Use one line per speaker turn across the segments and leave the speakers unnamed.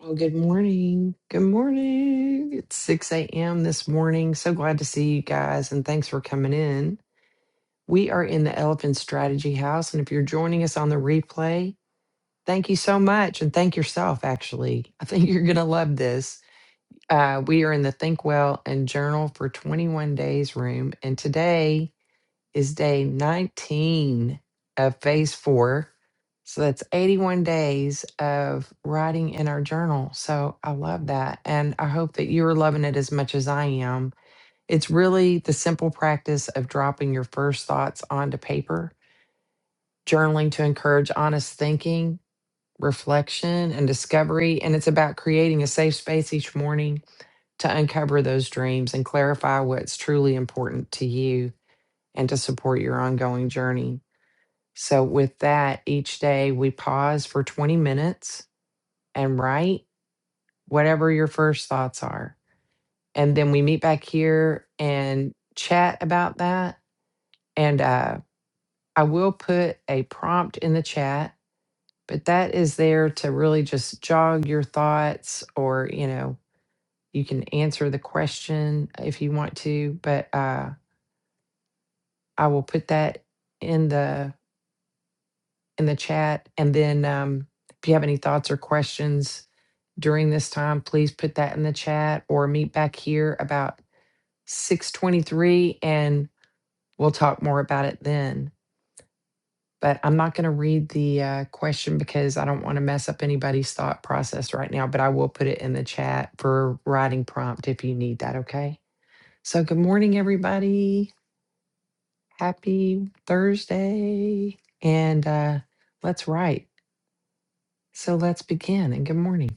Well, good morning. Good morning. It's 6 a.m. this morning. So glad to see you guys and thanks for coming in. We are in the Elephant Strategy House. And if you're joining us on the replay, thank you so much. And thank yourself, actually. I think you're going to love this. Uh, we are in the Think Well and Journal for 21 Days room. And today, is day 19 of phase four. So that's 81 days of writing in our journal. So I love that. And I hope that you're loving it as much as I am. It's really the simple practice of dropping your first thoughts onto paper, journaling to encourage honest thinking, reflection, and discovery. And it's about creating a safe space each morning to uncover those dreams and clarify what's truly important to you and to support your ongoing journey. So, with that, each day we pause for 20 minutes and write whatever your first thoughts are. And then we meet back here and chat about that. And uh, I will put a prompt in the chat, but that is there to really just jog your thoughts or, you know, you can answer the question if you want to, but uh, I will put that in the in the chat and then um, if you have any thoughts or questions during this time, please put that in the chat or meet back here about 623 and we'll talk more about it then. But I'm not going to read the uh, question because I don't want to mess up anybody's thought process right now, but I will put it in the chat for writing prompt if you need that. Okay. So, good morning, everybody. Happy Thursday. And uh, let's write. So, let's begin. And good morning.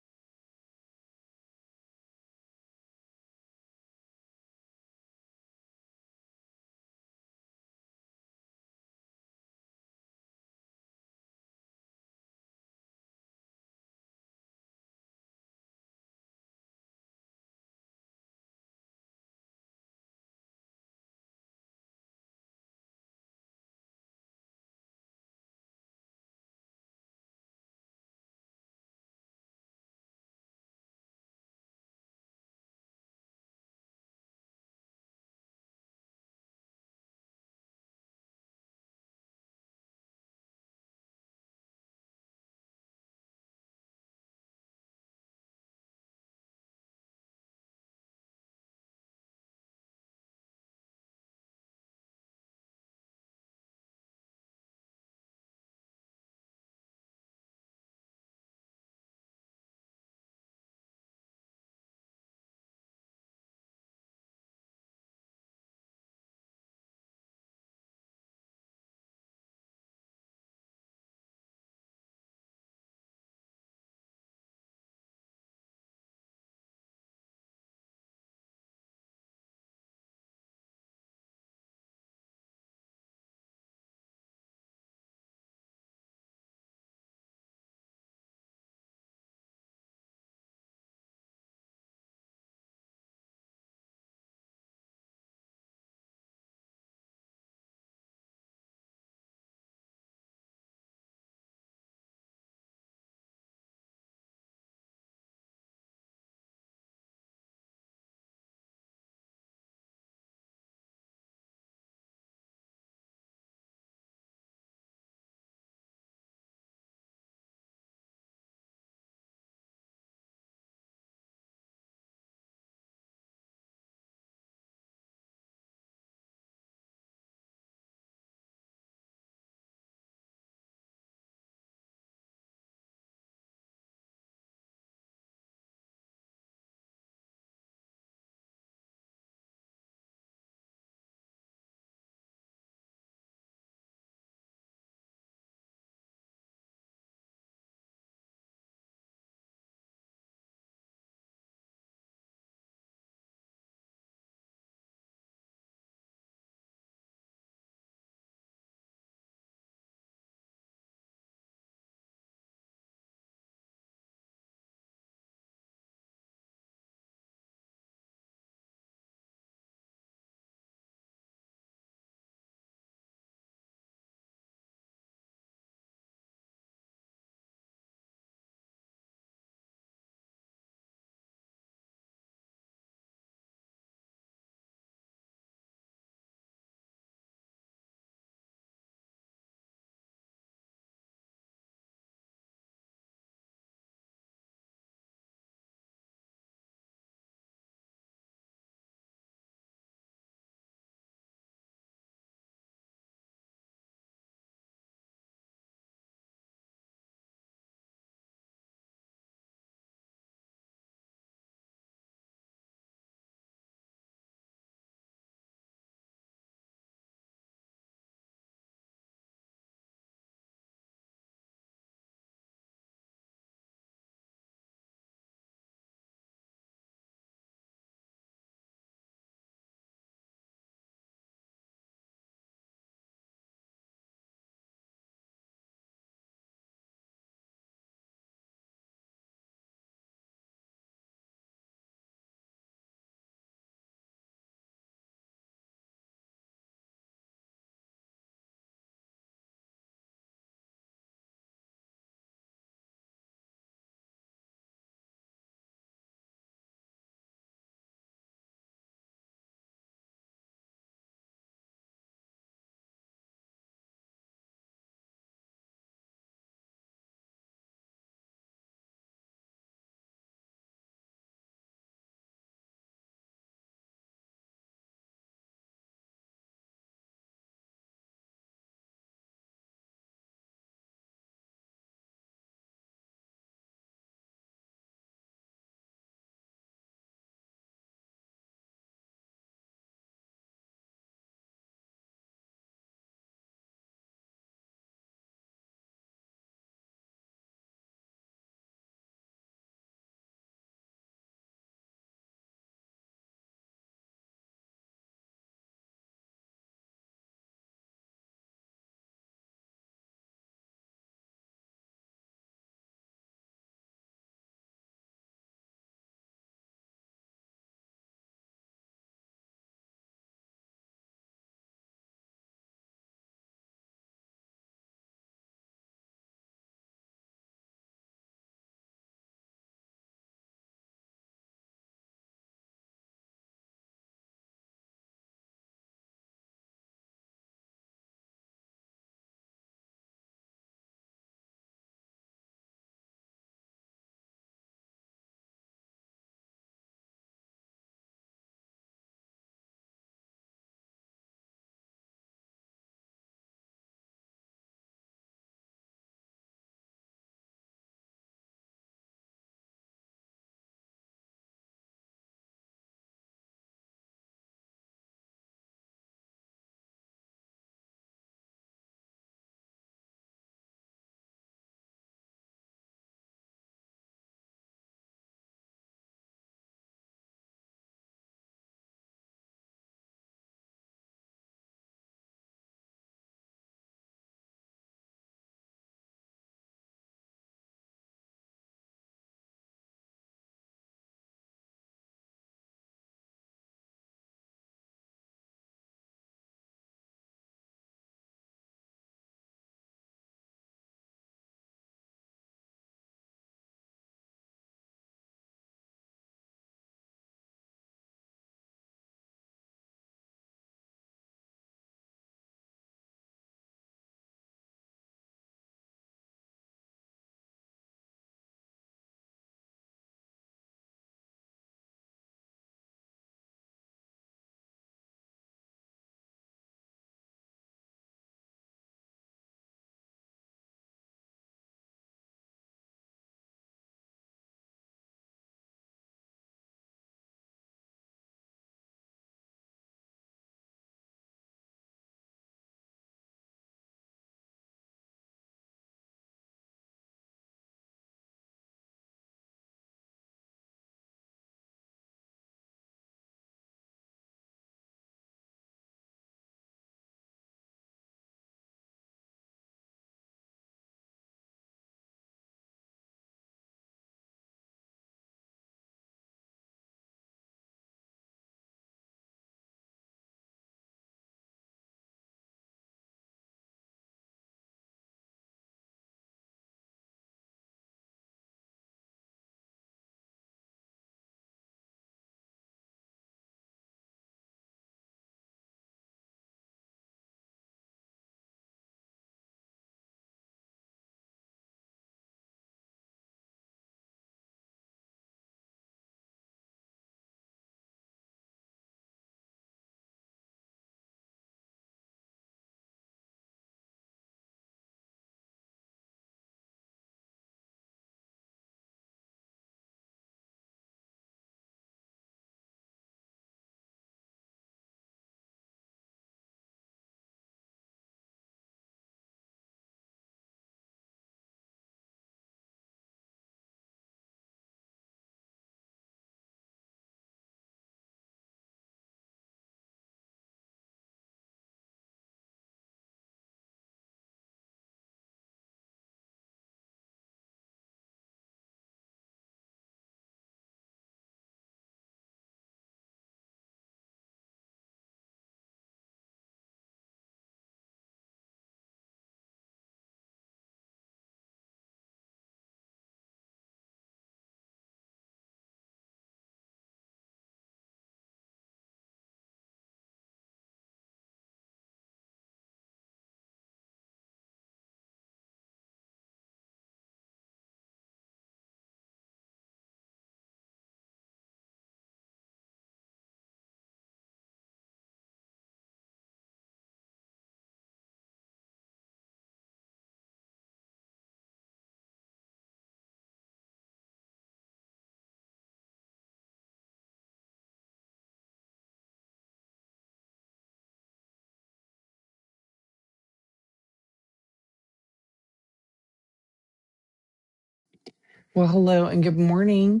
Well, hello and good morning.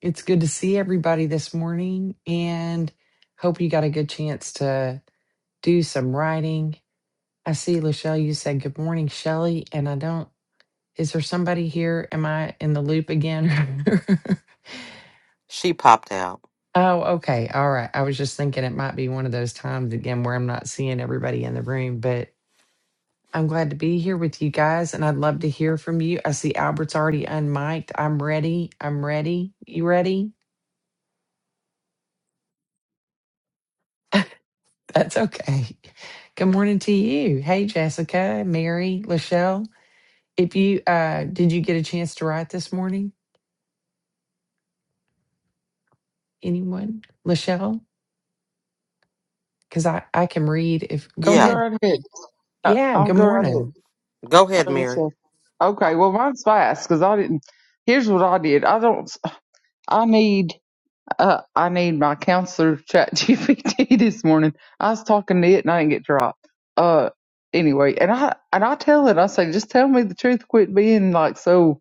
It's good to see everybody this morning and hope you got a good chance to do some writing. I see Lachelle, you said good morning, Shelley, and I don't is there somebody here? Am I in the loop again?
She popped out.
oh, okay. All right. I was just thinking it might be one of those times again where I'm not seeing everybody in the room, but I'm glad to be here with you guys and I'd love to hear from you. I see Albert's already unmiked. I'm ready. I'm ready. You ready? That's okay. Good morning to you. Hey, Jessica, Mary, Lachelle. If you uh, did you get a chance to write this morning? Anyone, Lachelle? Because I I can read. If go
You can Go
Yeah,
ahead.
right ahead. Uh,
Yeah.
I'll
Good
go right ahead.
morning.
go
I
ahead,
was gonna
Mary.
Okay, well mine's fast because I didn't. Here's what I did. I don't. I need. Uh, I need my counselor chat GPT this morning. I was talking to it and I didn't get dropped. Uh, anyway, and I and I tell it. I say, just tell me the truth. Quit being like so.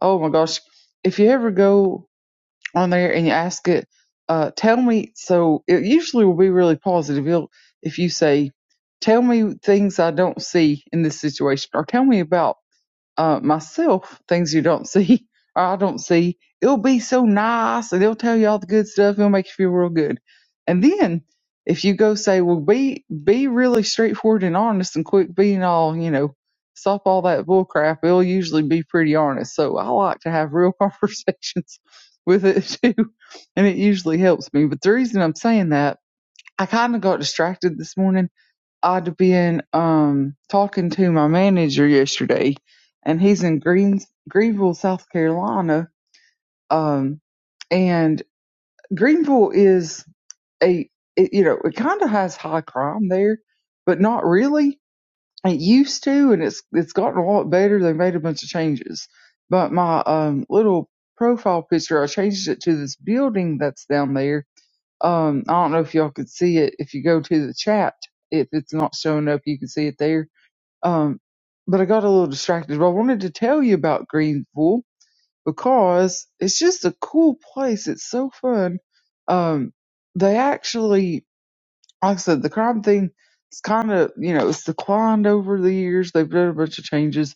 Oh my gosh. If you ever go on there and you ask it, uh, tell me. So it usually will be really positive. You'll, if you say, tell me things I don't see in this situation, or tell me about uh, myself things you don't see or I don't see. It'll be so nice and it'll tell you all the good stuff. It'll make you feel real good. And then if you go say, well, be be really straightforward and honest and quick being all, you know, stop all that bull crap. It'll usually be pretty honest. So I like to have real conversations with it too. And it usually helps me. But the reason I'm saying that, I kind of got distracted this morning I'd been um talking to my manager yesterday, and he's in Greens Greenville, South Carolina. Um, and Greenville is a it, you know it kind of has high crime there, but not really. It used to, and it's it's gotten a lot better. They made a bunch of changes, but my um little profile picture, I changed it to this building that's down there. Um, I don't know if y'all could see it if you go to the chat. If it's not showing up, you can see it there um, but I got a little distracted. But I wanted to tell you about Greenville because it's just a cool place. It's so fun. Um, they actually, like I said, the crime thing is kind of, you know, it's declined over the years. They've done a bunch of changes.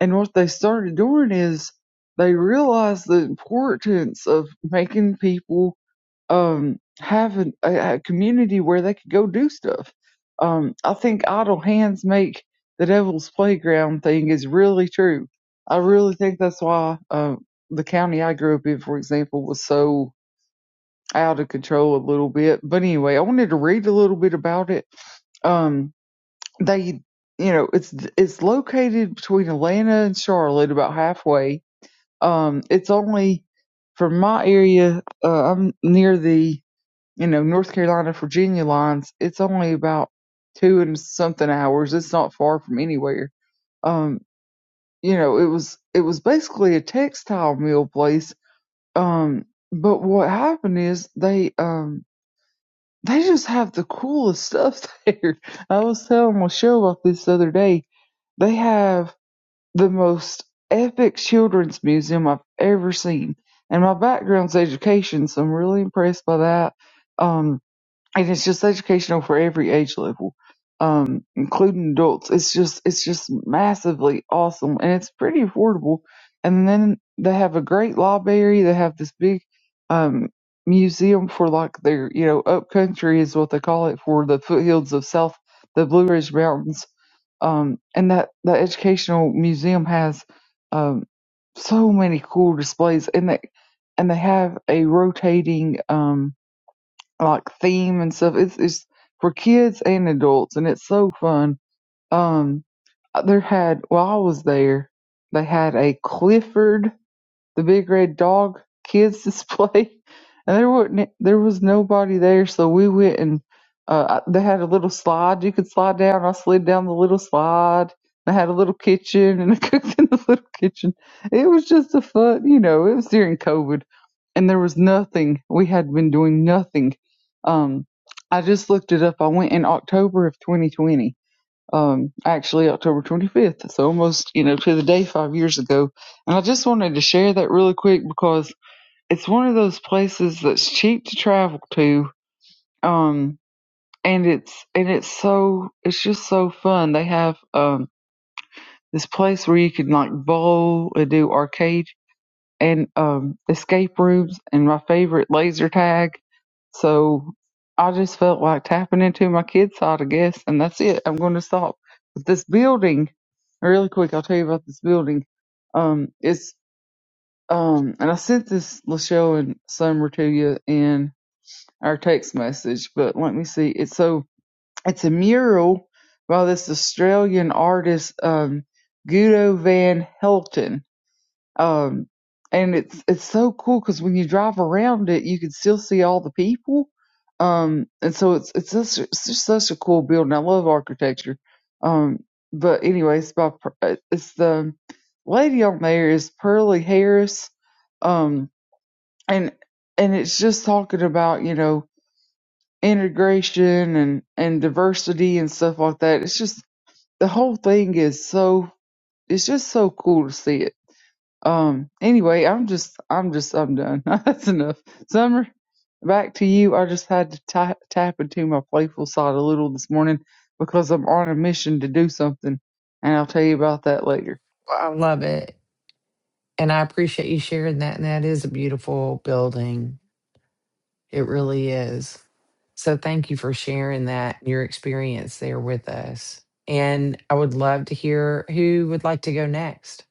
And what they started doing is they realized the importance of making people um, have a, a a community where they could go do stuff. Um, I think idle hands make the devil's playground thing is really true. I really think that's why uh, the county I grew up in, for example, was so out of control a little bit. But anyway, I wanted to read a little bit about it. Um, they, you know, it's it's located between Atlanta and Charlotte, about halfway. Um, it's only from my area. Uh, I'm near the you know, North Carolina, Virginia lines, it's only about two and something hours. It's not far from anywhere. Um, you know, it was it was basically a textile mill place. Um, but what happened is they um they just have the coolest stuff there. I was telling my show about this the other day. They have the most epic children's museum I've ever seen. And my background's education, so I'm really impressed by that. Um, and it's just educational for every age level, um, including adults. It's just it's just massively awesome, and it's pretty affordable. And then they have a great library. They have this big um, museum for like their you know upcountry is what they call it for the foothills of South the Blue Ridge Mountains. Um, and that that educational museum has um, so many cool displays, and they and they have a rotating um, like theme and stuff. It's it's for kids and adults, and it's so fun. Um, uh, there had while I was there, they had a Clifford the big red dog kids display, and there wasn't there was nobody there, so we went and uh, I- they had a little slide you could slide down. I slid down the little slide. They had a little kitchen, and I cooked in the little kitchen. It was just a fun, you know. It was during COVID, and there was nothing. We had been doing nothing. Um, I just looked it up. I went in October of 2020 um, actually October 25th. So almost, you know, to the day five years ago. And I just wanted to share that really quick because it's one of those places that's cheap to travel to. Um, and it's, and it's so, it's just so fun. They have, um, this place where you can like bowl and do arcade and um, escape rooms and my favorite laser tag. So I just felt like tapping into my kid side, I guess, and that's it. I'm going to stop. But this building, really quick, I'll tell you about this building. Um, it's um, and I sent this Lachelle and Summer to you in our text message, but let me see. It's so it's a mural by this Australian artist, um, Guido van Helten um, and it's it's so cool because when you drive around it, you can still see all the people. Um, and so it's it's just, it's just such a cool building. I love architecture. Um, but anyways, by Per- uh, it's the lady on there is Pearlie Harris. Um, and and it's just talking about you know integration and and diversity and stuff like that. It's just the whole thing is so it's just so cool to see it um. Anyway, I'm just, I'm just, I'm done. That's enough. Summer, back to you. I just had to tap tap into my playful side a little this morning because I'm on a mission to do something, and I'll tell you about that later.
I love it, and I appreciate you sharing that. And that is a beautiful building. It really is. So thank you for sharing that your experience there with us. And I would love to hear who would like to go next.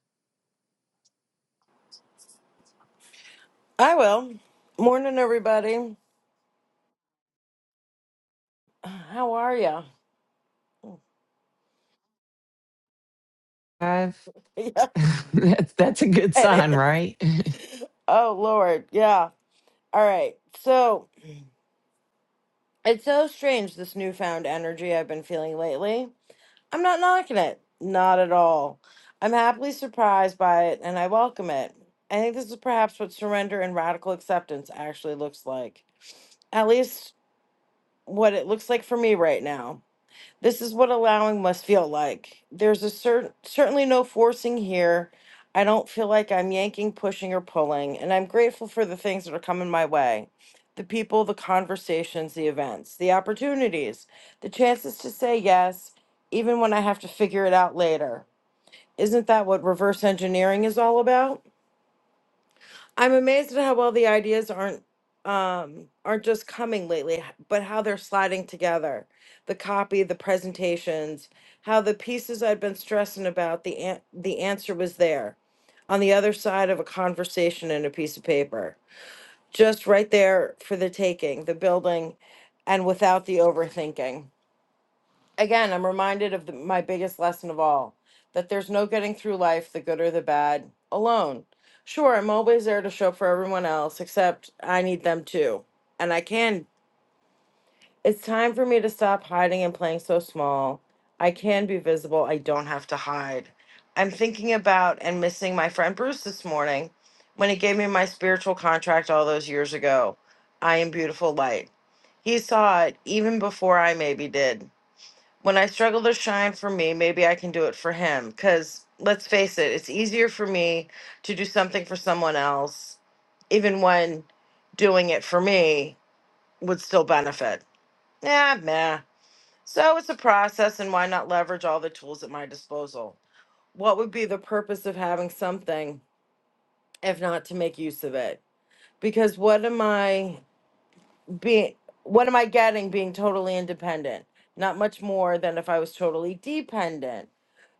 I will. Morning, everybody. How are ya?
Five, that's, that's a good
Yeah, it
sign,
is.
right?
Oh, Lord. Yeah. All right. So it's so strange, this newfound energy I've been feeling lately. I'm not knocking it. Not at all. I'm happily surprised by it and I welcome it. I think this is perhaps what surrender and radical acceptance actually looks like. At least what it looks like for me right now. This is what allowing must feel like. There's a certain certainly no forcing here. I don't feel like I'm yanking, pushing, or pulling, and I'm grateful for the things that are coming my way. The people, the conversations, the events, the opportunities, the chances to say yes, even when I have to figure it out later. Isn't that what reverse engineering is all about? I'm amazed at how well the ideas aren't um aren't just coming lately, h- but how they're sliding together. The copy, the presentations, how the pieces I'd been stressing about, the an- the answer was there on the other side of a conversation and a piece of paper. Just right there for the taking, the building and without the overthinking again, I'm reminded of the, my biggest lesson of all that there's no getting through life, the good or the bad, alone. Sure, I'm always there to show up for everyone else, except I need them too. And I can. It's time for me to stop hiding and playing so small. I can be visible. I don't have to hide. I'm thinking about and missing my friend Bruce this morning when he gave me my spiritual contract all those years ago. I am beautiful light. He saw it even before I maybe did when I struggle to shine for me, maybe I can do it for him. Because let's face it, it's easier for me to do something for someone else, even when doing it for me would still benefit. Yeah, meh. So it's a process, and why not leverage all the tools at my disposal? What would be the purpose of having something if not to make use of it? Because what am I being? What am I getting being totally independent? Not much more than if I was totally dependent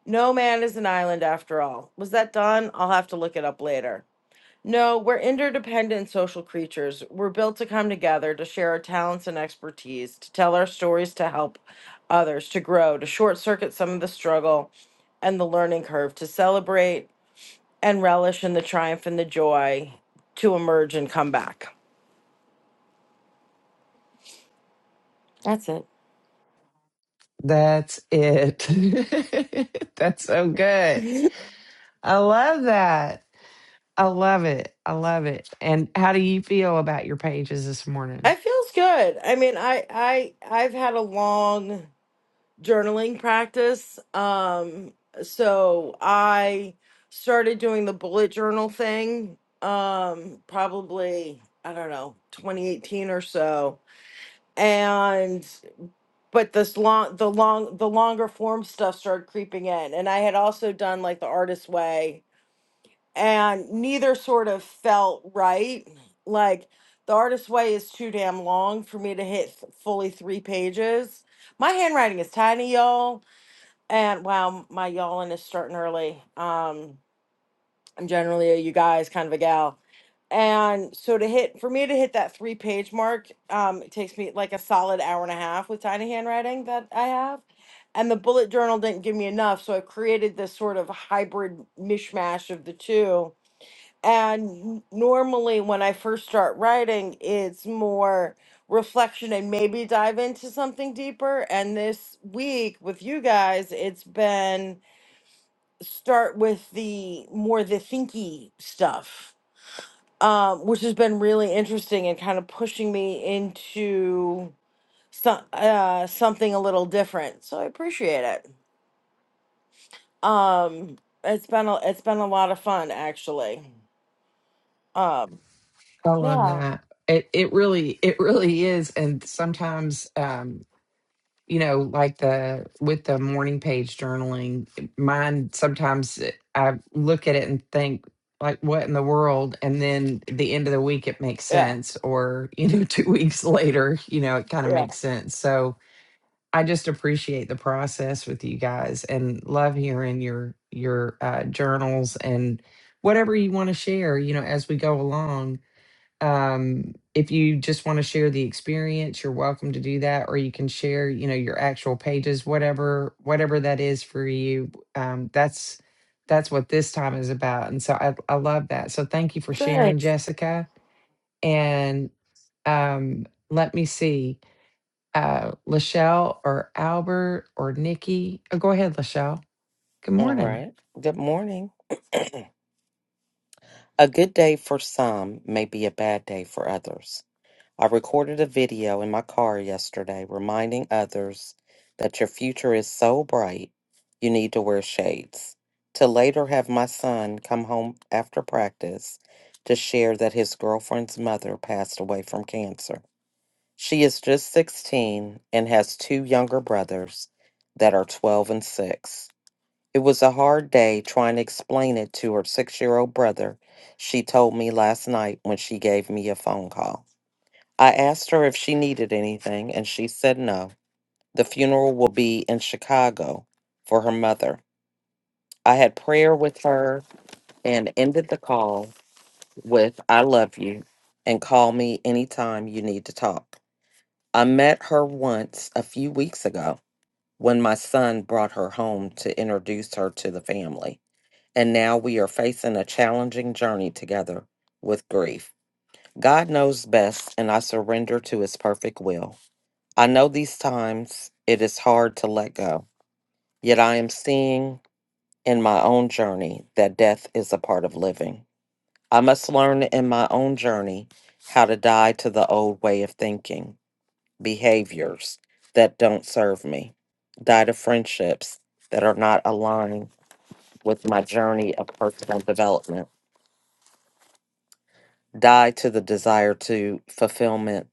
No man is an island after all. Was that done? I'll have to look it up later. No, we're interdependent social creatures. We're built to come together, to share our talents and expertise, to tell our stories, to help others, to grow, to short circuit some of the struggle and the learning curve, to celebrate and relish in the triumph and the joy, to emerge and come back. That's it.
That's it. that's so good. I love that. I love it. I love it. And how do you feel about your pages this morning?
It feels good. I mean, I I I've had a long journaling practice. Um, so I started doing the bullet journal thing, um, probably, I don't know, 2018 or so. And but this long the long the longer form stuff started creeping in. And I had also done like the artist way, and neither sort of felt right. Like the artist way is too damn long for me to hit th- fully three pages. My handwriting is tiny, y'all and wow, my yawling is starting early. Um, I'm generally a you guys kind of a gal. And so to hit for me to hit that three page mark, um, it takes me like a solid hour and a half with tiny handwriting that I have. And the bullet journal didn't give me enough, so I created this sort of hybrid mishmash of the two. And n- normally when I first start writing, it's more reflection and maybe dive into something deeper. And this week with you guys, it's been start with the more the thinky stuff, um, which has been really interesting and kind of pushing me into some uh, something a little different. So I appreciate it. Um, it's been a, it's been a lot of fun actually. Um,
I love
yeah,
that. It it really it really is. And sometimes you know, like the with the morning page journaling, mine sometimes it- I look at it and think, like, what in the world? And then at the end of the week, it makes
yeah,
sense. Or, you know, two weeks later, you know, it kind of
yeah.
makes sense. So I just appreciate the process with you guys and love hearing your your uh, journals and whatever you want to share, you know, as we go along um if you just want to share the experience you're welcome to do that or you can share you know your actual pages whatever whatever that is for you um that's that's what this time is about and so i, I love that so thank you for sharing
Thanks.
jessica and um let me see uh lachelle or albert or nikki oh go ahead lachelle good
All
morning
right. Good morning. A good day for some may be a bad day for others. I recorded a video in my car yesterday reminding others that your future is so bright you need to wear shades. To later have my son come home after practice to share that his girlfriend's mother passed away from cancer. She is just 16 and has two younger brothers that are 12 and 6. It was a hard day trying to explain it to her six year old brother, she told me last night when she gave me a phone call. I asked her if she needed anything, and she said no. The funeral will be in Chicago for her mother. I had prayer with her and ended the call with, I love you, and call me anytime you need to talk. I met her once a few weeks ago when my son brought her home to introduce her to the family. and now we are facing a challenging journey together with grief. God knows best, and I surrender to His perfect will. I know these times it is hard to let go, yet I am seeing in my own journey that death is a part of living. I must learn in my own journey how to die to the old way of thinking, behaviors that don't serve me, die to friendships that are not aligned with my journey of personal development die to the desire to fulfillment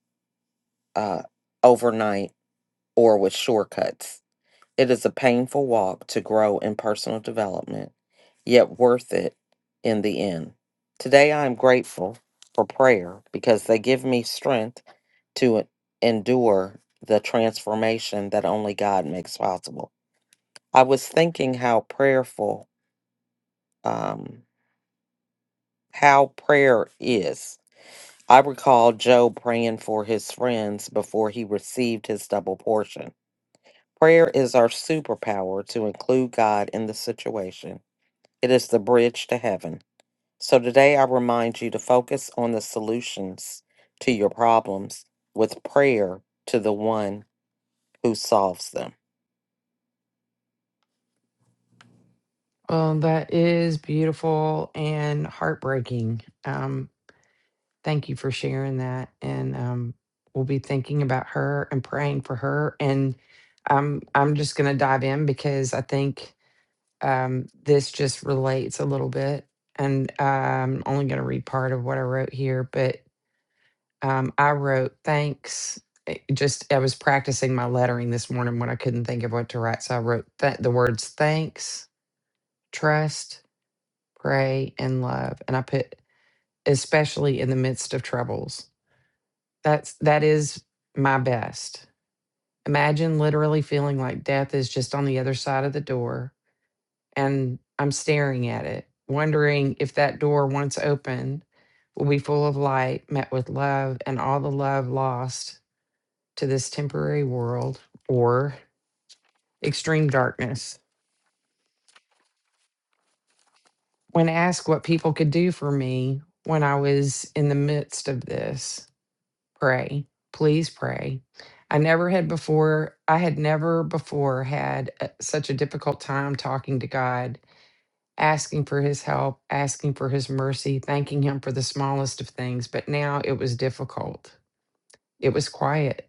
uh, overnight or with shortcuts. It is a painful walk to grow in personal development, yet worth it in the end. Today, I am grateful for prayer because they give me strength to endure the transformation that only God makes possible. I was thinking how prayerful, um, how prayer is. I recall Job praying for his friends before he received his double portion. Prayer is our superpower to include God in the situation, it is the bridge to heaven. So today I remind you to focus on the solutions to your problems with prayer to the one who solves them.
well that is beautiful and heartbreaking Um. Thank you for sharing that. And um, we'll be thinking about her and praying for her. And I'm I'm just gonna dive in because I think um, this just relates a little bit. And uh, I'm only gonna read part of what I wrote here, but um, I wrote thanks. It Just I was practicing my lettering this morning when I couldn't think of what to write, so I wrote th- the words thanks, trust, pray, and love, and I put especially in the midst of troubles That's that is my best. Imagine literally feeling like death is just on the other side of the door and I'm staring at it, wondering if that door once opened will be full of light, met with love and all the love lost to this temporary world or extreme darkness. When asked what people could do for me when I was in the midst of this, Pray. Please pray. I never had before, I had never before had a- such a difficult time talking to God, asking for his help, asking for his mercy, thanking him for the smallest of things. But now it was difficult. It was quiet.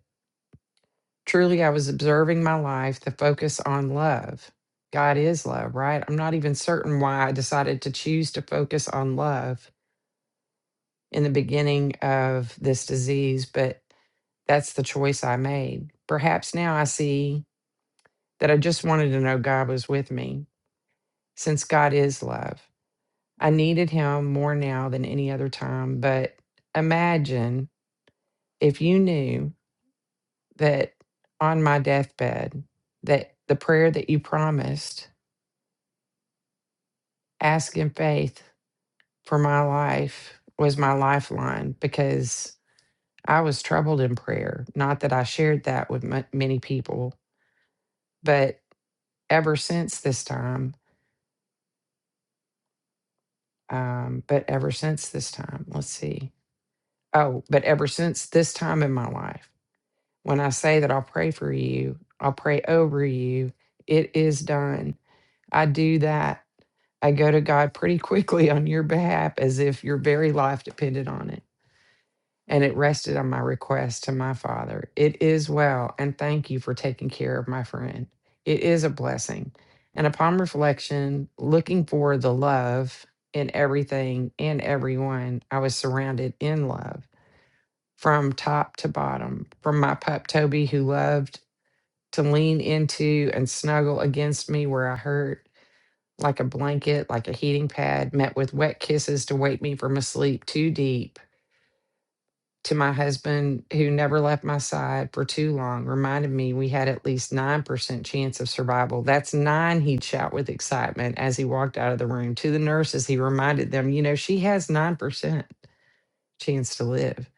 Truly, I was observing my life, the focus on love. God is love, right? I'm not even certain why I decided to choose to focus on love in the beginning of this disease, but That's the choice I made. Perhaps now I see that I just wanted to know God was with me, since God is love. I needed Him more now than any other time. But imagine if you knew that on my deathbed, that the prayer that you promised, ask in faith for my life, was my lifeline because I was troubled in prayer. Not that I shared that with mu many people, but ever since this time, Um, but ever since this time, let's see. Oh, but ever since this time in my life, when I say that I'll pray for you, I'll pray over you, it is done. I do that. I go to God pretty quickly on your behalf as if your very life depended on it and it rested on my request to my father. It is well, and thank you for taking care of my friend. It is a blessing. And upon reflection, looking for the love in everything and everyone, I was surrounded in love from top to bottom, from my pup Toby, who loved to lean into and snuggle against me where I hurt. Like a blanket, like a heating pad, met with wet kisses to wake me from a sleep too deep to my husband, who never left my side for too long, reminded me we had at least 9% chance of survival. That's nine, he'd shout with excitement as he walked out of the room. To the nurses, he reminded them, you know, she has 9% chance to live.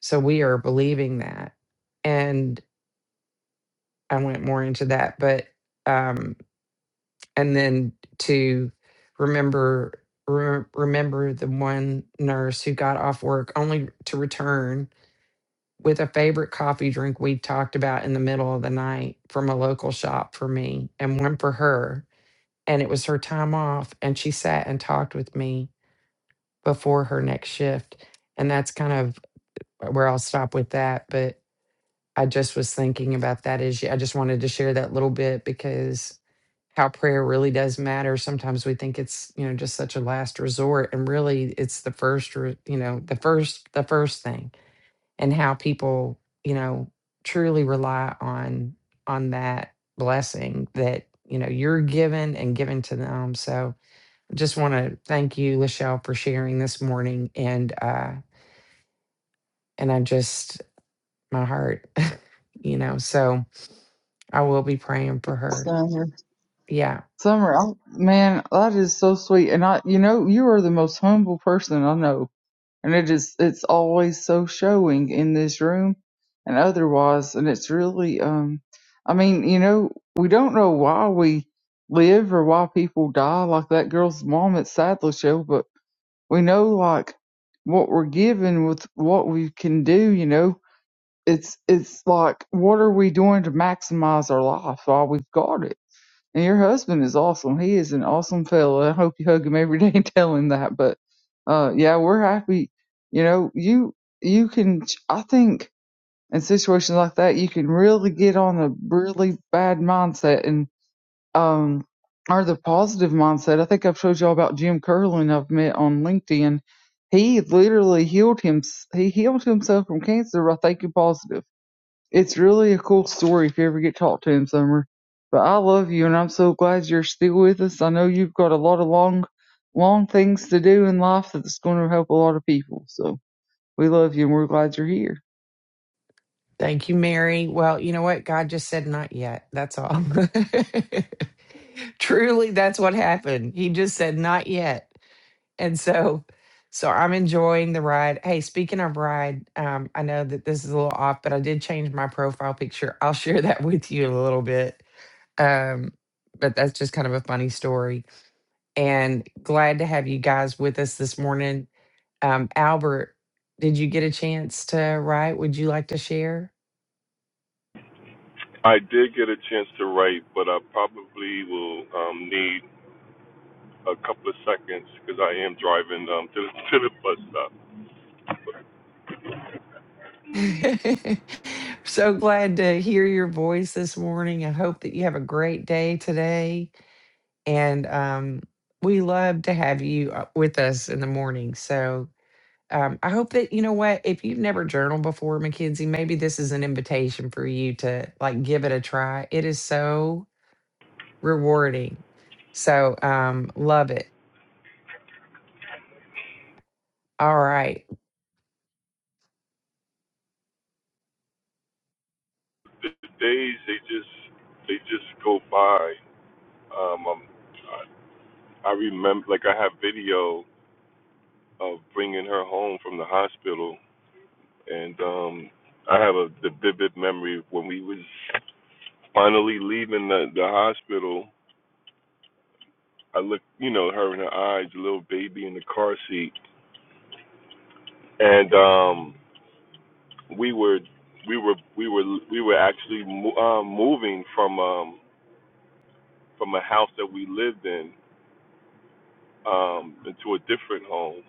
So we are believing that. And I went more into that, but, um, and then to remember, re- remember the one nurse who got off work only to return with a favorite coffee drink we talked about in the middle of the night from a local shop for me and one for her. And it was her time off, and she sat and talked with me before her next shift. And that's kind of where I'll stop with that. But I just was thinking about that issue. I just wanted to share that little bit because how prayer really does matter. Sometimes we think it's, you know, just such a last resort and really it's the first, re- you know, the first the first thing and how people you know truly rely on on that blessing that you know you're given and given to them so I just want to thank you lachelle for sharing this morning and uh and i just my heart you know so i will be praying for her
Summer,
yeah
Summer, I, man, that is so sweet. And I, you know, you are the most humble person I know. and it is it's always so showing in this room and otherwise and it's really um i mean you know we don't know why we live or why people die like that girl's mom at sadler show but we know like what we're given with what we can do you know it's it's like what are we doing to maximize our life while we've got it and your husband is awesome. He is an awesome fella. I hope you hug him every day and tell him that. But uh, yeah, we're happy. You know, you you can. I think in situations like that, you can really get on a really bad mindset and um or the positive mindset. I think I've told y'all about Jim Curlin I've met on LinkedIn. He literally healed him. He healed himself from cancer by thinking positive it's really a cool story if you ever get talked to him, Summer. But I love you and I'm so glad you're still with us. I know you've got a lot of long, long things to do in life that's going to help a lot of people. So we love you and we're glad you're here.
thank you mary well you know what god just said not yet that's all truly that's what happened he just said not yet And so, so I'm enjoying the ride. Hey, speaking of ride, um, I know that this is a little off, but I did change my profile picture. I'll share that with you in a little bit. Um, but that's just kind of a funny story. And glad to have you guys with us this morning. Um, Albert, did you get a chance to write? Would you like to share?
I did get a chance to write, but I probably will um, need a couple of seconds because I am driving um, to the to the bus stop.
so glad to hear your voice this morning. I hope that you have a great day today. And um, we love to have you uh, with us in the morning. So um, I hope that you know what if you've never journaled before, Mackenzie, maybe this is an invitation for you to like give it a try. It is so rewarding. So um, love it. All right,
The, the days they just they just go by. Um, um, I, I remember like I have video of bringing her home from the hospital, and um, I have a the vivid memory of when we was finally leaving the the hospital. I looked, you know, her in her eyes, a little baby in the car seat, and um we were we were we were we were actually mo- um, moving from um, from a house that we lived in um, into a different home,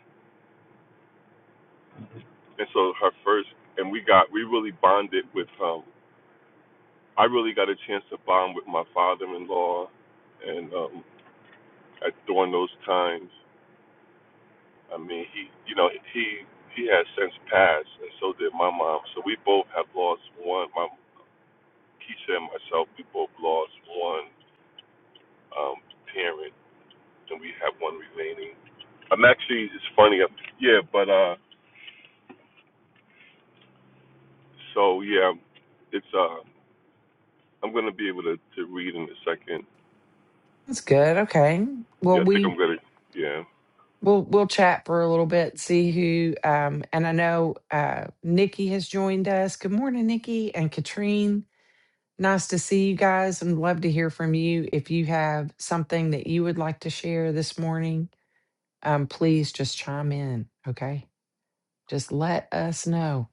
and so her first and we got we really bonded with. Um, I really got a chance to bond with my father-in-law, and um, at, during those times, I mean he you know he he has since passed, and so did my mom. So we both have lost one. My Keisha and myself, we both lost one um, parent and we have one remaining. I'm actually it's funny. i yeah, but uh, so yeah, it's uh, I'm gonna be able to to read in a second.
that's good. Okay, well
Yeah, I think
we
I'm gonna. Yeah.
we'll we'll chat for a little bit, see who. Um, and I know uh, Nikki has joined us. Good morning, Nikki and Katrine. Nice to see you guys, and love to hear from you. If you have something that you would like to share this morning um, please just chime in. Okay. Just let us know.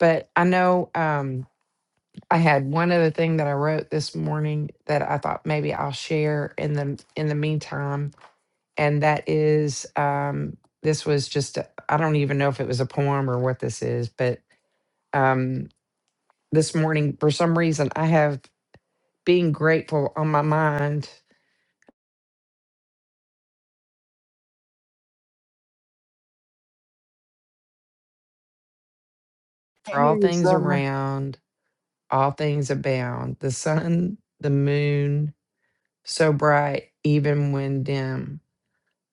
But I know um, I had one other thing that I wrote this morning that I thought maybe I'll share in the in the meantime, and that is um, this was just a- I don't even know if it was a poem or what this is, but um, this morning for some reason I have being grateful on my mind
Can't
for
hear
all
you,
things
Summer.
around, all things abound, the sun, the moon, so bright even when dim,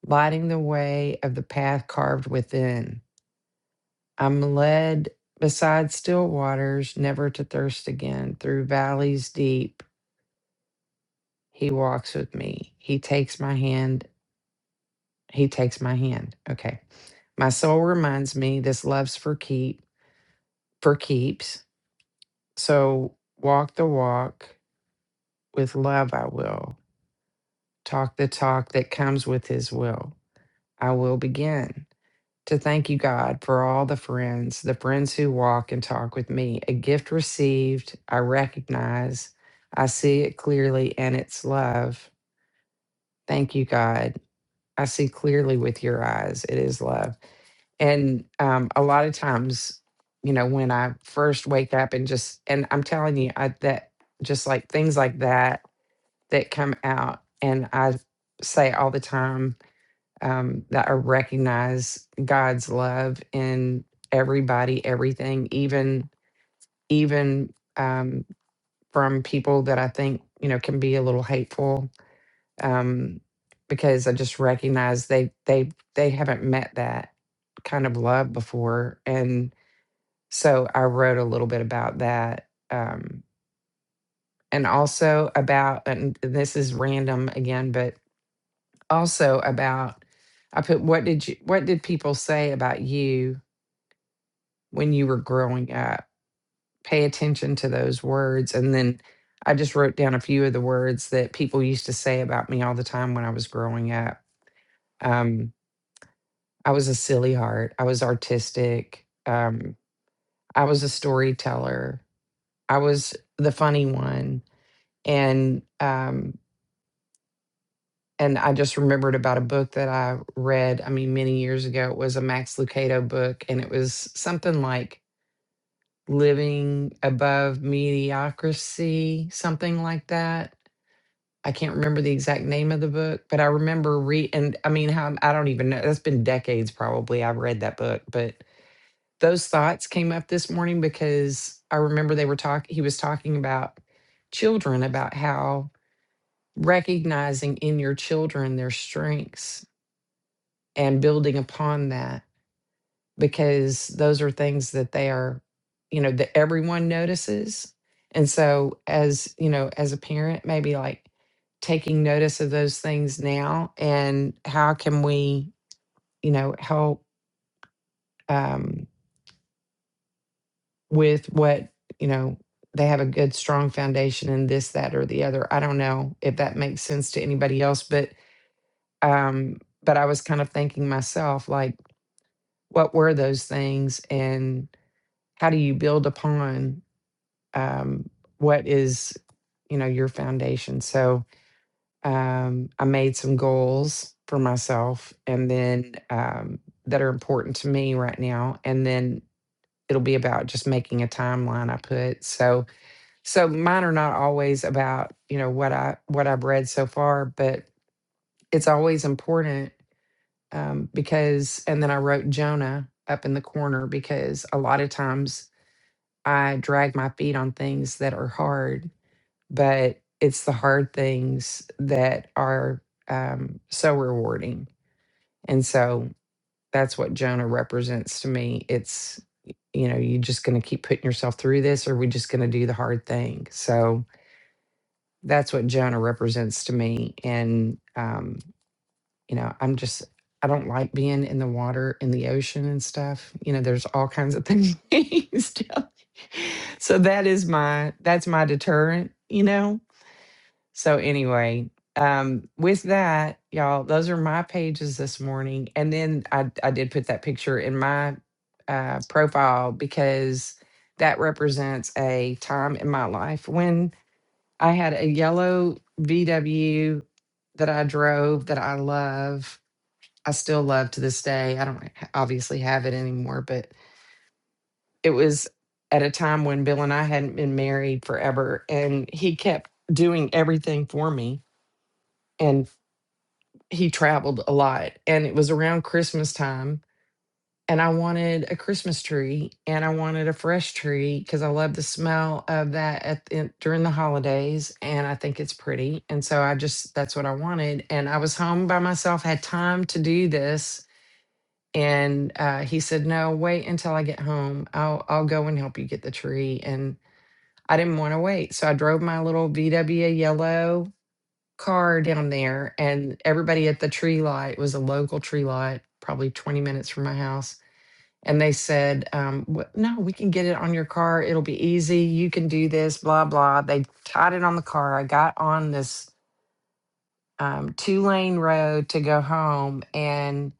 lighting the way of the path carved within. I'm led beside still waters, never to thirst again, through valleys deep. He walks with me. He takes my hand. He takes my hand. Okay. My soul reminds me this love's for keep for keeps. So walk the walk with love I will. Talk the talk that comes with his will. I will begin. to thank you, God, for all the friends, the friends who walk and talk with me. A gift received, I recognize, I see it clearly, and it's love. Thank you, God. I see clearly with your eyes. It is love. And um, a lot of times, you know, when I first wake up and just, and I'm telling you, I, that just like things like that that come out, and I say all the time, um, that I recognize God's love in everybody, everything, even even um, from people that I think you know can be a little hateful, um, because I just recognize they they they haven't met that kind of love before, and so I wrote a little bit about that, um, and also about and this is random again, but also about I put what did you what did people say about you when you were growing up. Pay attention to those words. And then I just wrote down a few of the words that people used to say about me all the time when I was growing up. Um, I was a silly heart. I was artistic. Um, I was a storyteller. I was the funny one. And um, and I just remembered about a book that I read, I mean, many years ago. It was a Max Lucado book, and it was something like living above mediocrity, something like that. I can't remember the exact name of the book, but I remember re and I mean how I don't even know that's been decades probably I've read that book, but those thoughts came up this morning because I remember they were talking he was talking about children about how recognizing in your children their strengths and building upon that because those are things that they are, you know, that everyone notices. And so, as you know, as a parent, maybe like taking notice of those things now and how can we, you know, help um, with what, you know, they have a good, strong foundation in this, that, or the other. I don't know if that makes sense to anybody else, but, um, but I was kind of thinking myself, like, what were those things and how do you build upon um, what is you know your foundation so um, i made some goals for myself and then um, that are important to me right now and then it'll be about just making a timeline i put so so mine are not always about you know what i what i've read so far but it's always important um, because and then i wrote jonah up in the corner because a lot of times i drag my feet on things that are hard but it's the hard things that are um, so rewarding. And so that's what Jonah represents to me. It's, you know, you just going to keep putting yourself through this, or we just going to do the hard thing. So that's what Jonah represents to me. And, um, you know, I'm just, I don't like being in the water, in the ocean and stuff. You know, there's all kinds of things. down- so that is my, that's my deterrent, you know? So anyway, um, with that, y'all, those are my pages this morning. And then I I did put that picture in my uh, profile because that represents a time in my life when I had a yellow VW that I drove that I love. I still love to this day. I don't ha- obviously have it anymore, but it was at a time when Bill and I hadn't been married forever, and he kept doing everything for me he traveled a lot and it was around Christmas time and I wanted a Christmas tree and I wanted a fresh tree because I love the smell of that at the, during the holidays and I think it's pretty and so I just that's what I wanted and I was home by myself had time to do this and uh, he said no wait until I get home I'll I'll go and help you get the tree and I didn't want to wait so I drove my little VW yellow car down there and everybody at the tree lot it was a local tree lot probably 20 minutes from my house and they said um, "Wh- no we can get it on your car it'll be easy you can do this blah blah they tied it on the car i got on this um, two lane road to go home and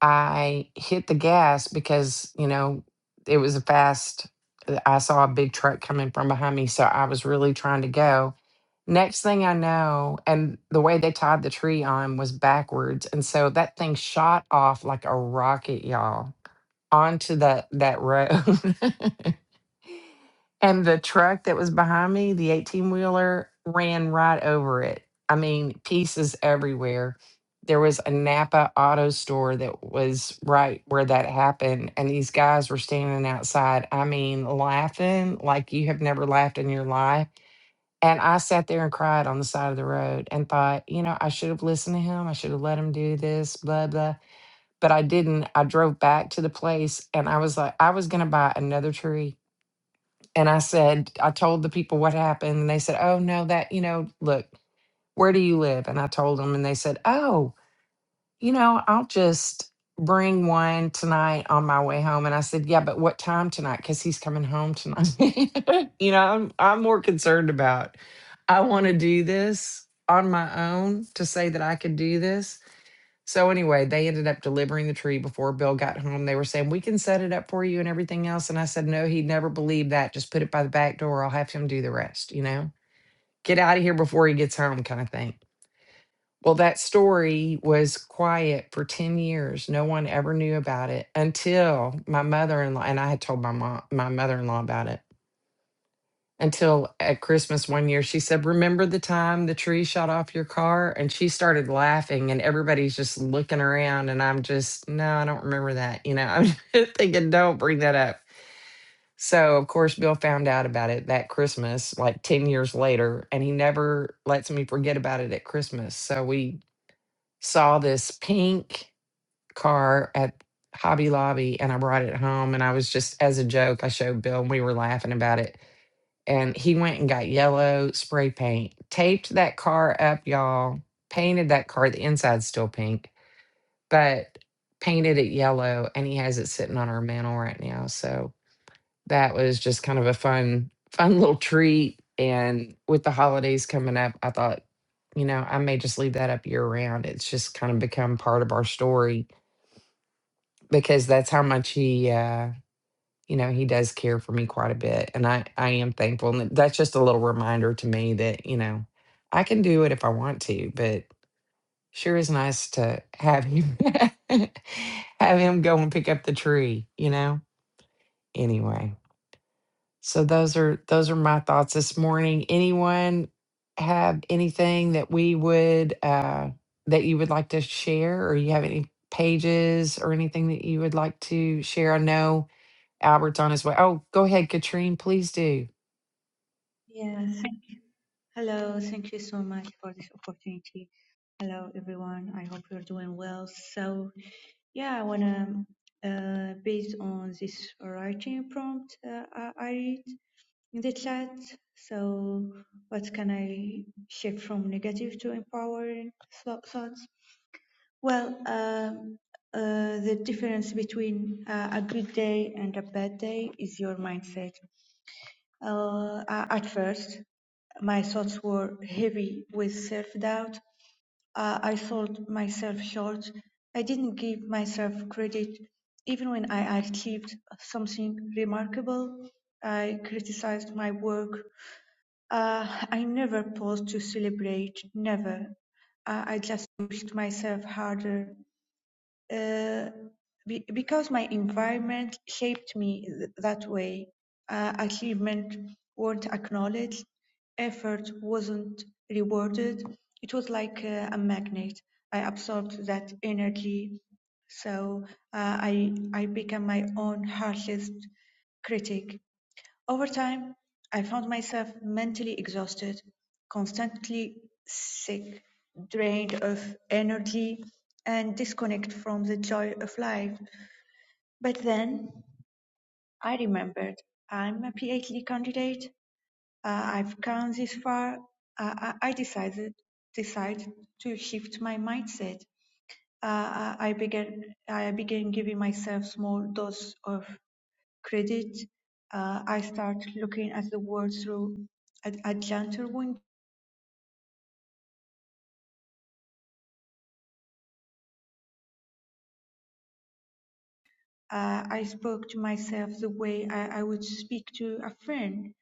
I hit the gas because, you know, it was a fast. uh, I saw a big truck coming from behind me, so I was really trying to go. Next thing I know, and the way they tied the tree on was backwards, and so that thing shot off like a rocket, y'all, onto that that road. And the truck that was behind me, the 18 wheeler, ran right over it. I mean, pieces everywhere. There was a Napa auto store that was right where that happened. And these guys were standing outside, I mean, laughing like you have never laughed in your life. And I sat there and cried on the side of the road and thought, you know, I should have listened to him. I should have let him do this, blah, blah. But I didn't. I drove back to the place and I was like, I was going to buy another tree and I said, I told the people what happened. And they said, Oh, no, that, you know, look, where do you live? And I told them, and they said, Oh, you know, I'll just bring one tonight on my way home. And I said, Yeah, but what time tonight? Because he's coming home tonight. you know, I'm, I'm more concerned about, I want to do this on my own to say that I could do this so anyway, they ended up delivering the tree before Bill got home. They were saying, "We can set it up for you and everything else." And I said, "No, he'd never believe that. Just put it by the back door. I'll have him do the rest, you know. Get out of here before he gets home kind of thing." Well, that story was quiet for 10 years. No one ever knew about it until my mother-in-law and I had told my mom, my mother-in-law about it until at Christmas one year, she said, Remember the time the tree shot off your car? And she started laughing, and everybody's just looking around. And I'm just, No, I don't remember that. You know, I'm just thinking, Don't bring that up. So, of course, Bill found out about it that Christmas, like 10 years later, and he never lets me forget about it at Christmas. So, we saw this pink car at Hobby Lobby, and I brought it home. And I was just, as a joke, I showed Bill, and we were laughing about it and he went and got yellow spray paint, taped that car up, y'all, painted that car. The inside's still pink, but painted it yellow, and he has it sitting on our mantle right now. So that was just kind of a fun, fun little treat. And with the holidays coming up, I thought, you know, I may just leave that up year round. It's just kind of become part of our story because that's how much he uh you know, he does care for me quite a bit. And I, I am thankful. And that's just a little reminder to me that, you know, I can do it if I want to, but sure is nice to have him have him go and pick up the tree, you know? Anyway. So those are those are my thoughts this morning. Anyone have anything that we would uh that you would like to share or you have any pages or anything that you would like to share? I know Albert's on his way. Oh, go ahead, Katrine. Please do.
Yeah, thank- hello. Thank you so much for this opportunity. Hello, everyone. I hope you're doing well. So, yeah, I want to, uh, based on this writing prompt uh, I I read in the chat, so what can I shift from negative to empowering thou- thoughts? Well, um, uh, the difference between uh, a good day and a bad day is your mindset. Uh, at first, my thoughts were heavy with self doubt. Uh, I sold myself short. I didn't give myself credit. Even when I achieved something remarkable, I criticized my work. Uh, I never paused to celebrate, never. Uh, I just pushed myself harder uh, be, because my environment shaped me th- that way. Uh, achievement weren't acknowledged, effort wasn't rewarded. It was like uh, a magnet. I absorbed that energy, so uh, I I became my own harshest critic. Over time, I found myself mentally exhausted, constantly sick, drained of energy, and disconnected from the joy of life. But then I remembered I'm a PhD candidate. Uh, I've come this far. Uh, I I decided decided to shift my mindset. Uh, I I began I began giving myself small dose of credit, uh, I start looking at the world through a, a gentle wind. Uh, I spoke to myself the way I, I would speak to a friend.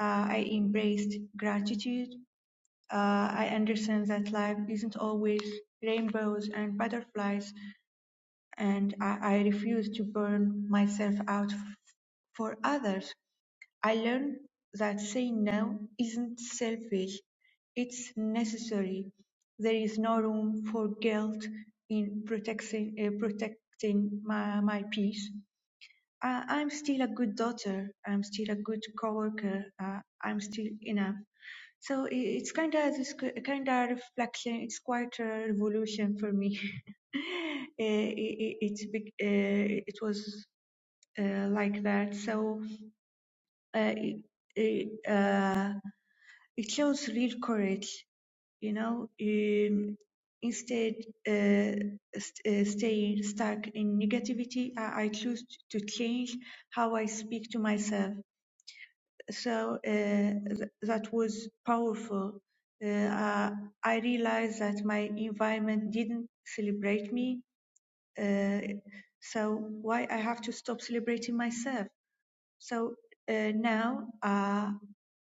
Uh, I embraced gratitude. Uh, I understand that life isn't always rainbows and butterflies. and I, I refuse to burn myself out f- for others. I learned that saying no isn't selfish, it's necessary. There is no room for guilt in protecting, uh, protecting my, my peace. I, I'm still a good daughter, I'm still a good coworker, uh, I'm still enough. So i- it's kind of this kind of reflection. It's quite a revolution for me. Eh, i- i- it's big. Uh, it was uh, like that. So uh, it, it, uh, it shows real courage. You know, um, instead uh, st- uh, staying stuck in negativity, I, I choose to change how I speak to myself. so uh, th- that was powerful. Uh, I I realized that my environment didn't celebrate me, uh, so why I have to stop celebrating myself? So uh, now uh,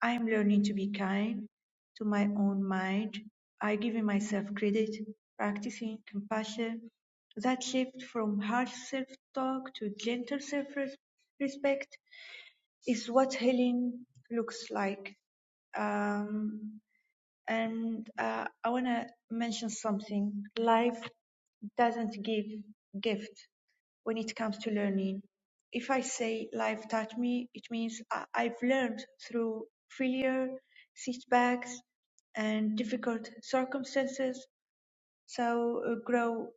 I am learning to be kind to my own mind. I give myself credit, practicing compassion. That shift from harsh self-talk to gentle self-respect is what healing looks like. Um, and uh, I want to mention something. Life doesn't give gift when it comes to learning. If I say life taught me, it means I- I've learned through failure, setbacks, and difficult circumstances. So uh, grow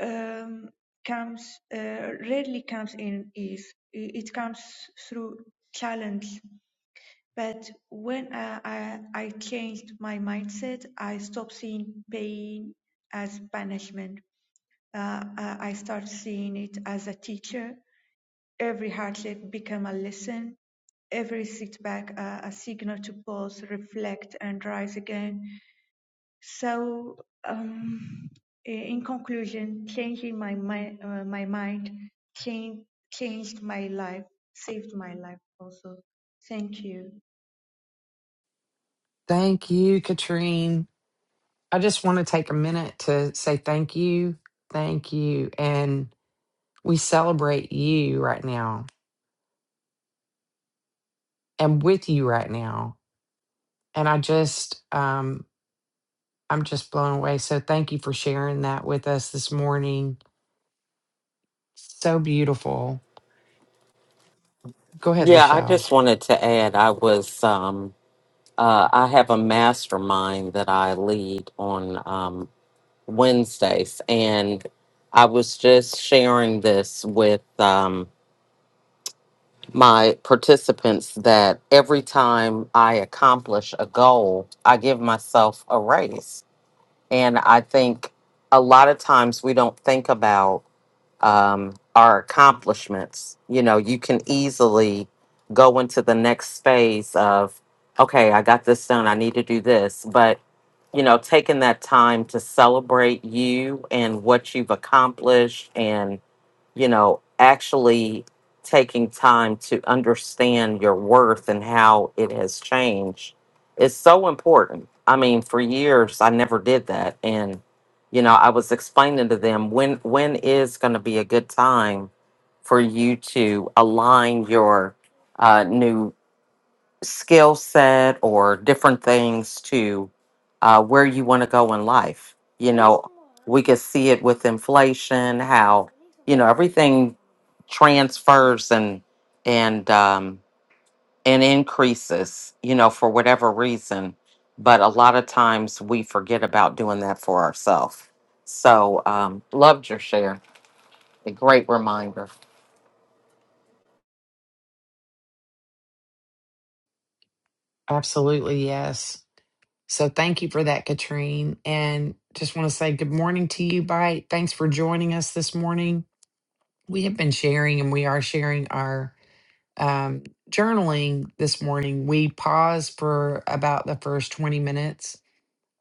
um, comes uh, rarely comes in ease. I- It comes through challenge. But when I, I, I changed my mindset, I stopped seeing pain as punishment. Uh, I I started seeing it as a teacher Every hardship become a lesson, every setback uh, a signal to pause, reflect, and rise again. So, um, in conclusion, changing my mind, uh, my mind changed, changed my life, saved my life also. Thank you.
Thank you, Katrine. I just want to take a minute to say thank you. Thank you. And we celebrate you right now and with you right now. And I just, um, I'm just blown away. So thank you for sharing that with us this morning. So beautiful. Go ahead,
Yeah, I
Lachelle.
just wanted to add I was um uh I have a mastermind that I lead on um Wednesdays, and I was just sharing this with um, my participants that every time I accomplish a goal, I give myself a raise. And I think a lot of times we don't think about um, our accomplishments. You know, you can easily go into the next phase of, okay, I got this done. I need to do this. But, you know, taking that time to celebrate you and what you've accomplished and you know, actually taking time to understand your worth and how it has changed is so important. I mean, for years I never did that and you know, I was explaining to them when when is going to be a good time for you to align your uh, new skill set or different things to uh, where you want to go in life. You know, we could see it with inflation, how you know everything transfers and and um, and increases, you know, for whatever reason. But a lot of times we forget about doing that for ourselves. So um, loved your share. A great reminder.
Absolutely. Yes. So thank you for that, Katrine. And just want to say good morning to you, Bite. Thanks for joining us this morning we have been sharing and we are sharing our um, journaling this morning. We paused for about the first 20 minutes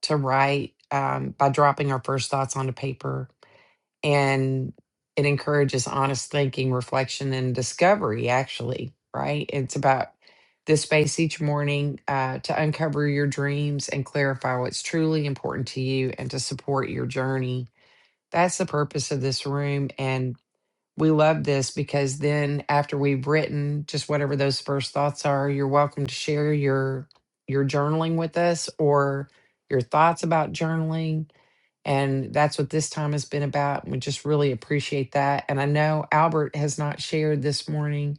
to write um, by dropping our first thoughts onto paper. And it encourages honest thinking, reflection, and discovery, actually, right? It's about this space each morning uh, to uncover your dreams and clarify what's truly important to you and to support your journey. That's the purpose of this room. and we love this because then after we've written just whatever those first thoughts are you're welcome to share your your journaling with us or your thoughts about journaling and that's what this time has been about we just really appreciate that and i know albert has not shared this morning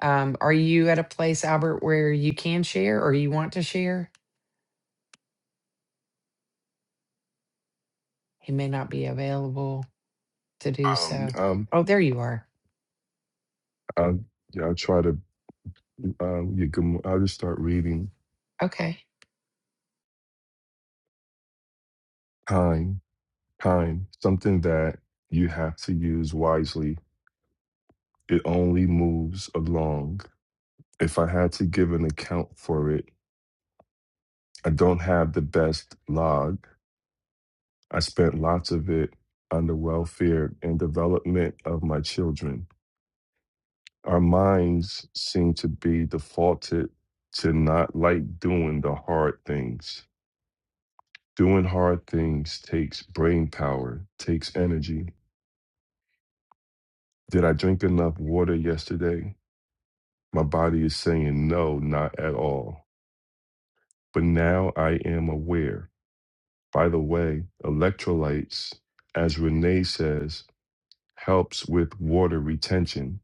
um, are you at a place albert where you can share or you want to share he may not be available to do so
Um,
oh there you are
I, yeah, I'll try to. Um, you can, I'll just start reading.
okay
Time, time, something that you have to use wisely. It only moves along. If I had to give an account for it, I don't have the best log. I spent lots of it on the welfare and development of my children. Our minds seem to be defaulted to not like doing the hard things. Doing hard things takes brain power, takes energy. Did I drink enough water yesterday? My body is saying no, not at all. But now I am aware. By the way, electrolytes, as Renee says, helps with water retention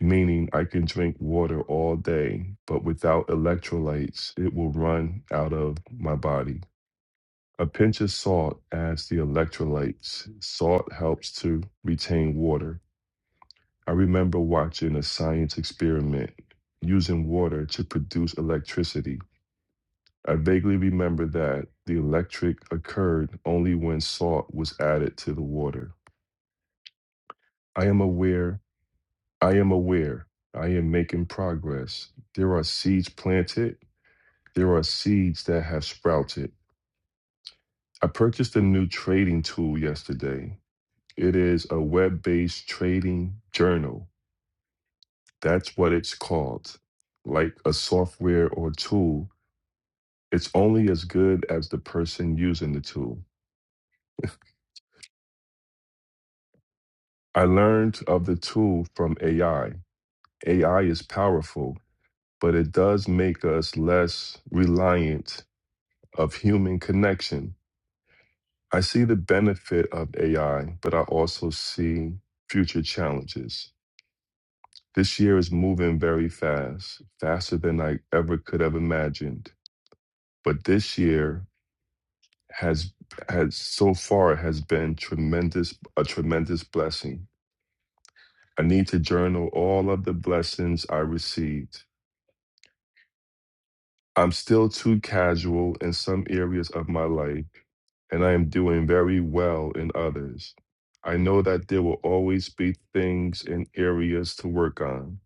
meaning I can drink water all day, but without electrolytes, it will run out of my body. A pinch of salt adds the electrolytes. Salt helps to retain water. I remember watching a science experiment using water to produce electricity. I vaguely remember that the electric occurred only when salt was added to the water. I am aware, I am aware, I am making progress. There are seeds planted There are seeds that have sprouted. I purchased a new trading tool yesterday. It is a web based trading journal. That's what it's called. Like a software or tool, it's only as good as the person using the tool. I learned of the tool from AI. AI is powerful, but it does make us less reliant of human connection I see the benefit of AI, but I also see future challenges. This year is moving very fast, faster than I ever could have imagined. But this year has has so far has been tremendous a tremendous blessing. I need to journal all of the blessings I received I'm still too casual in some areas of my life, and I am doing very well in others. I know that there will always be things and areas to work on.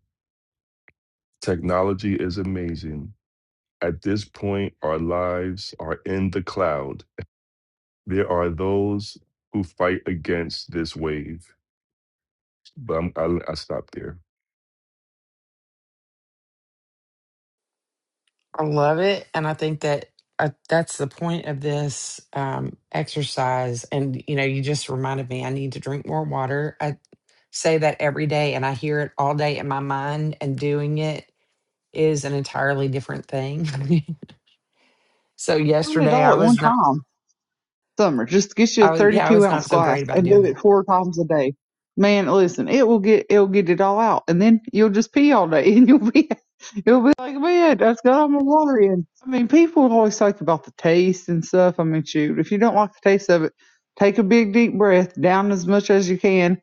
Technology is amazing. At this point, our lives are in the cloud. There are those who fight against this wave, but I'm, I, I stop there.
I love it, and I think that uh, that's the point of this um, exercise. And you know, you just reminded me I need to drink more water. I say that every day, and I hear it all day in my mind. And doing it is an entirely different thing. so
Not at
yesterday,
all
I
at one
was not.
time. summer. Just get you a
I was yeah, I
32
was
ounce
not so
glass
great about
and do
doing
it
that.
four times a day. Man, listen, it will get it'll get it all out, and then you'll just pee all day, and you'll be you'll be like, man, that's got all my water in. I mean, people always talk about the taste and stuff. I mean, shoot, if you don't like the taste of it, take a big deep breath down as much as you can.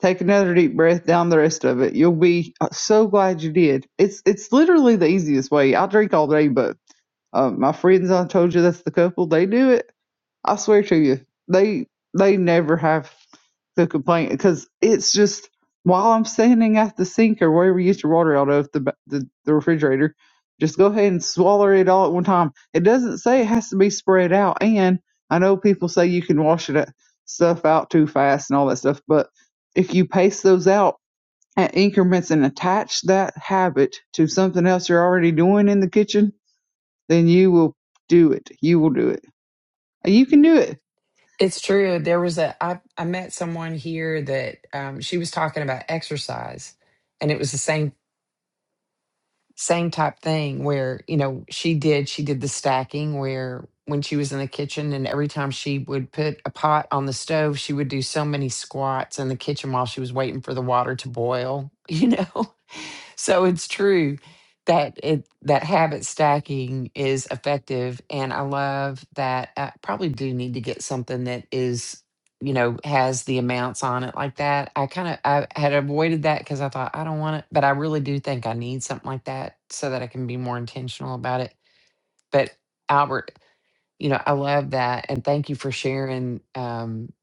Take another deep breath down the rest of it. You'll be uh, so glad you did. It's it's literally the easiest way. I drink all day, but uh, my friends I told you that's the couple. They do it I swear to you, they they never have the complaint because it's just while I'm standing at the sink or wherever you get your water out of the ba- the, the refrigerator, just go ahead and swallow it all at one time. It doesn't say it has to be spread out, and I know people say you can wash it uh, stuff out too fast and all that stuff, but if you pace those out at increments and attach that habit to something else you're already doing in the kitchen, then you will do it. You will do it. You can do it
It's true. There was a I I met someone here that um, she was talking about exercise, and it was the same same type thing where you know she did she did the stacking where when she was in the kitchen and every time she would put a pot on the stove she would do so many squats in the kitchen while she was waiting for the water to boil you know so it's true that it that habit stacking is effective, and I love that. I probably do need to get something that is, you know, has the amounts on it like that. I kind of I had avoided that because I thought I don't want it, but I really do think I need something like that so that I can be more intentional about it. But Albert, you know, I love that, and thank you for sharing um,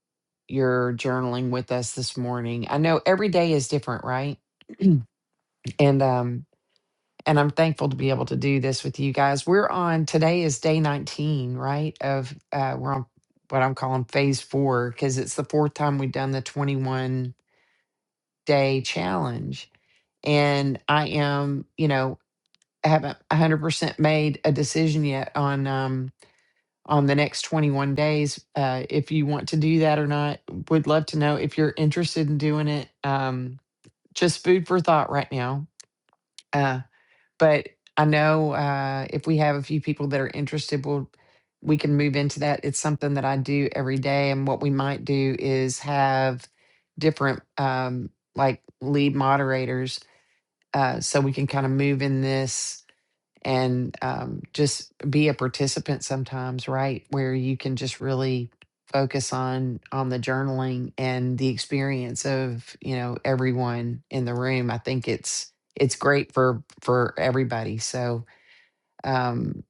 your journaling with us this morning. I know every day is different, right? And um, and I'm thankful to be able to do this with you guys. We're on today is day 19, right? Of uh, we're on what I'm calling phase four because it's the fourth time we've done the 21 day challenge, and I am, you know, I haven't 100% made a decision yet on um on the next 21 days. Uh, if you want to do that or not, would love to know if you're interested in doing it. Um, just food for thought right now. Uh, but I know uh, if we have a few people that are interested, we'll we can move into that. It's something that I do every day, and what we might do is have different um, like lead moderators, uh, so we can kind of move in this and um, just be a participant sometimes right where you can just really focus on on the journaling and the experience of you know everyone in the room i think it's it's great for for everybody so um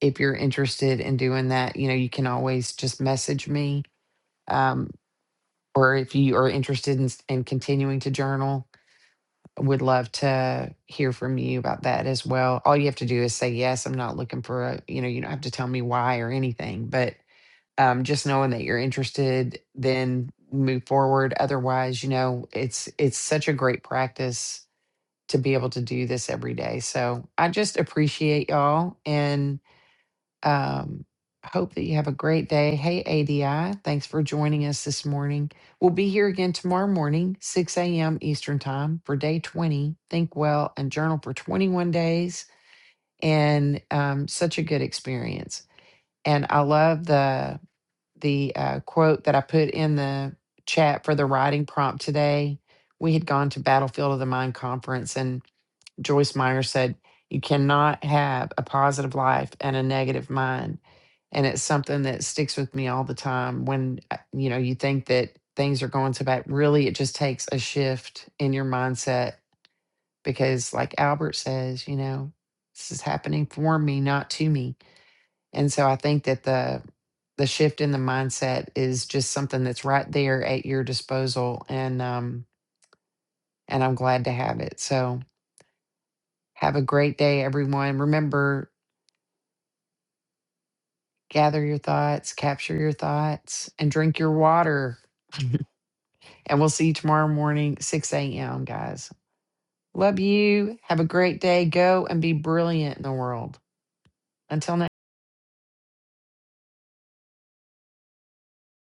if you're interested in doing that you know you can always just message me um or if you are interested in, in continuing to journal would love to hear from you about that as well. All you have to do is say yes. I'm not looking for a, you know, you don't have to tell me why or anything, but um, just knowing that you're interested, then move forward. Otherwise, you know, it's it's such a great practice to be able to do this every day. So I just appreciate y'all and um, hope that you have a great day. Hey, ADI, thanks for joining us this morning. We'll be here again tomorrow morning, 6 a.m. Eastern Time for day 20. Think well and journal for 21 days. And um, such a good experience. And I love the the uh, quote that I put in the chat for the writing prompt today. We had gone to Battlefield of the Mind conference Joyce Meyer said, you cannot have a positive life and a negative mind. And it's something that sticks with me all the time when, uh, you know, you think that things are going so bad. Really, it just takes a shift in your mindset because, like Albert says, you know, this is happening for me, not to me. And so I think that the, the shift in the mindset is just something that's right there at your disposal and um and I'm glad to have it. So have a great day everyone. Remember gather your thoughts, capture your thoughts, and drink your water. And we'll see you tomorrow morning, 6 a.m., guys. Love you. Have a great day. Go and be brilliant in the world. Until next.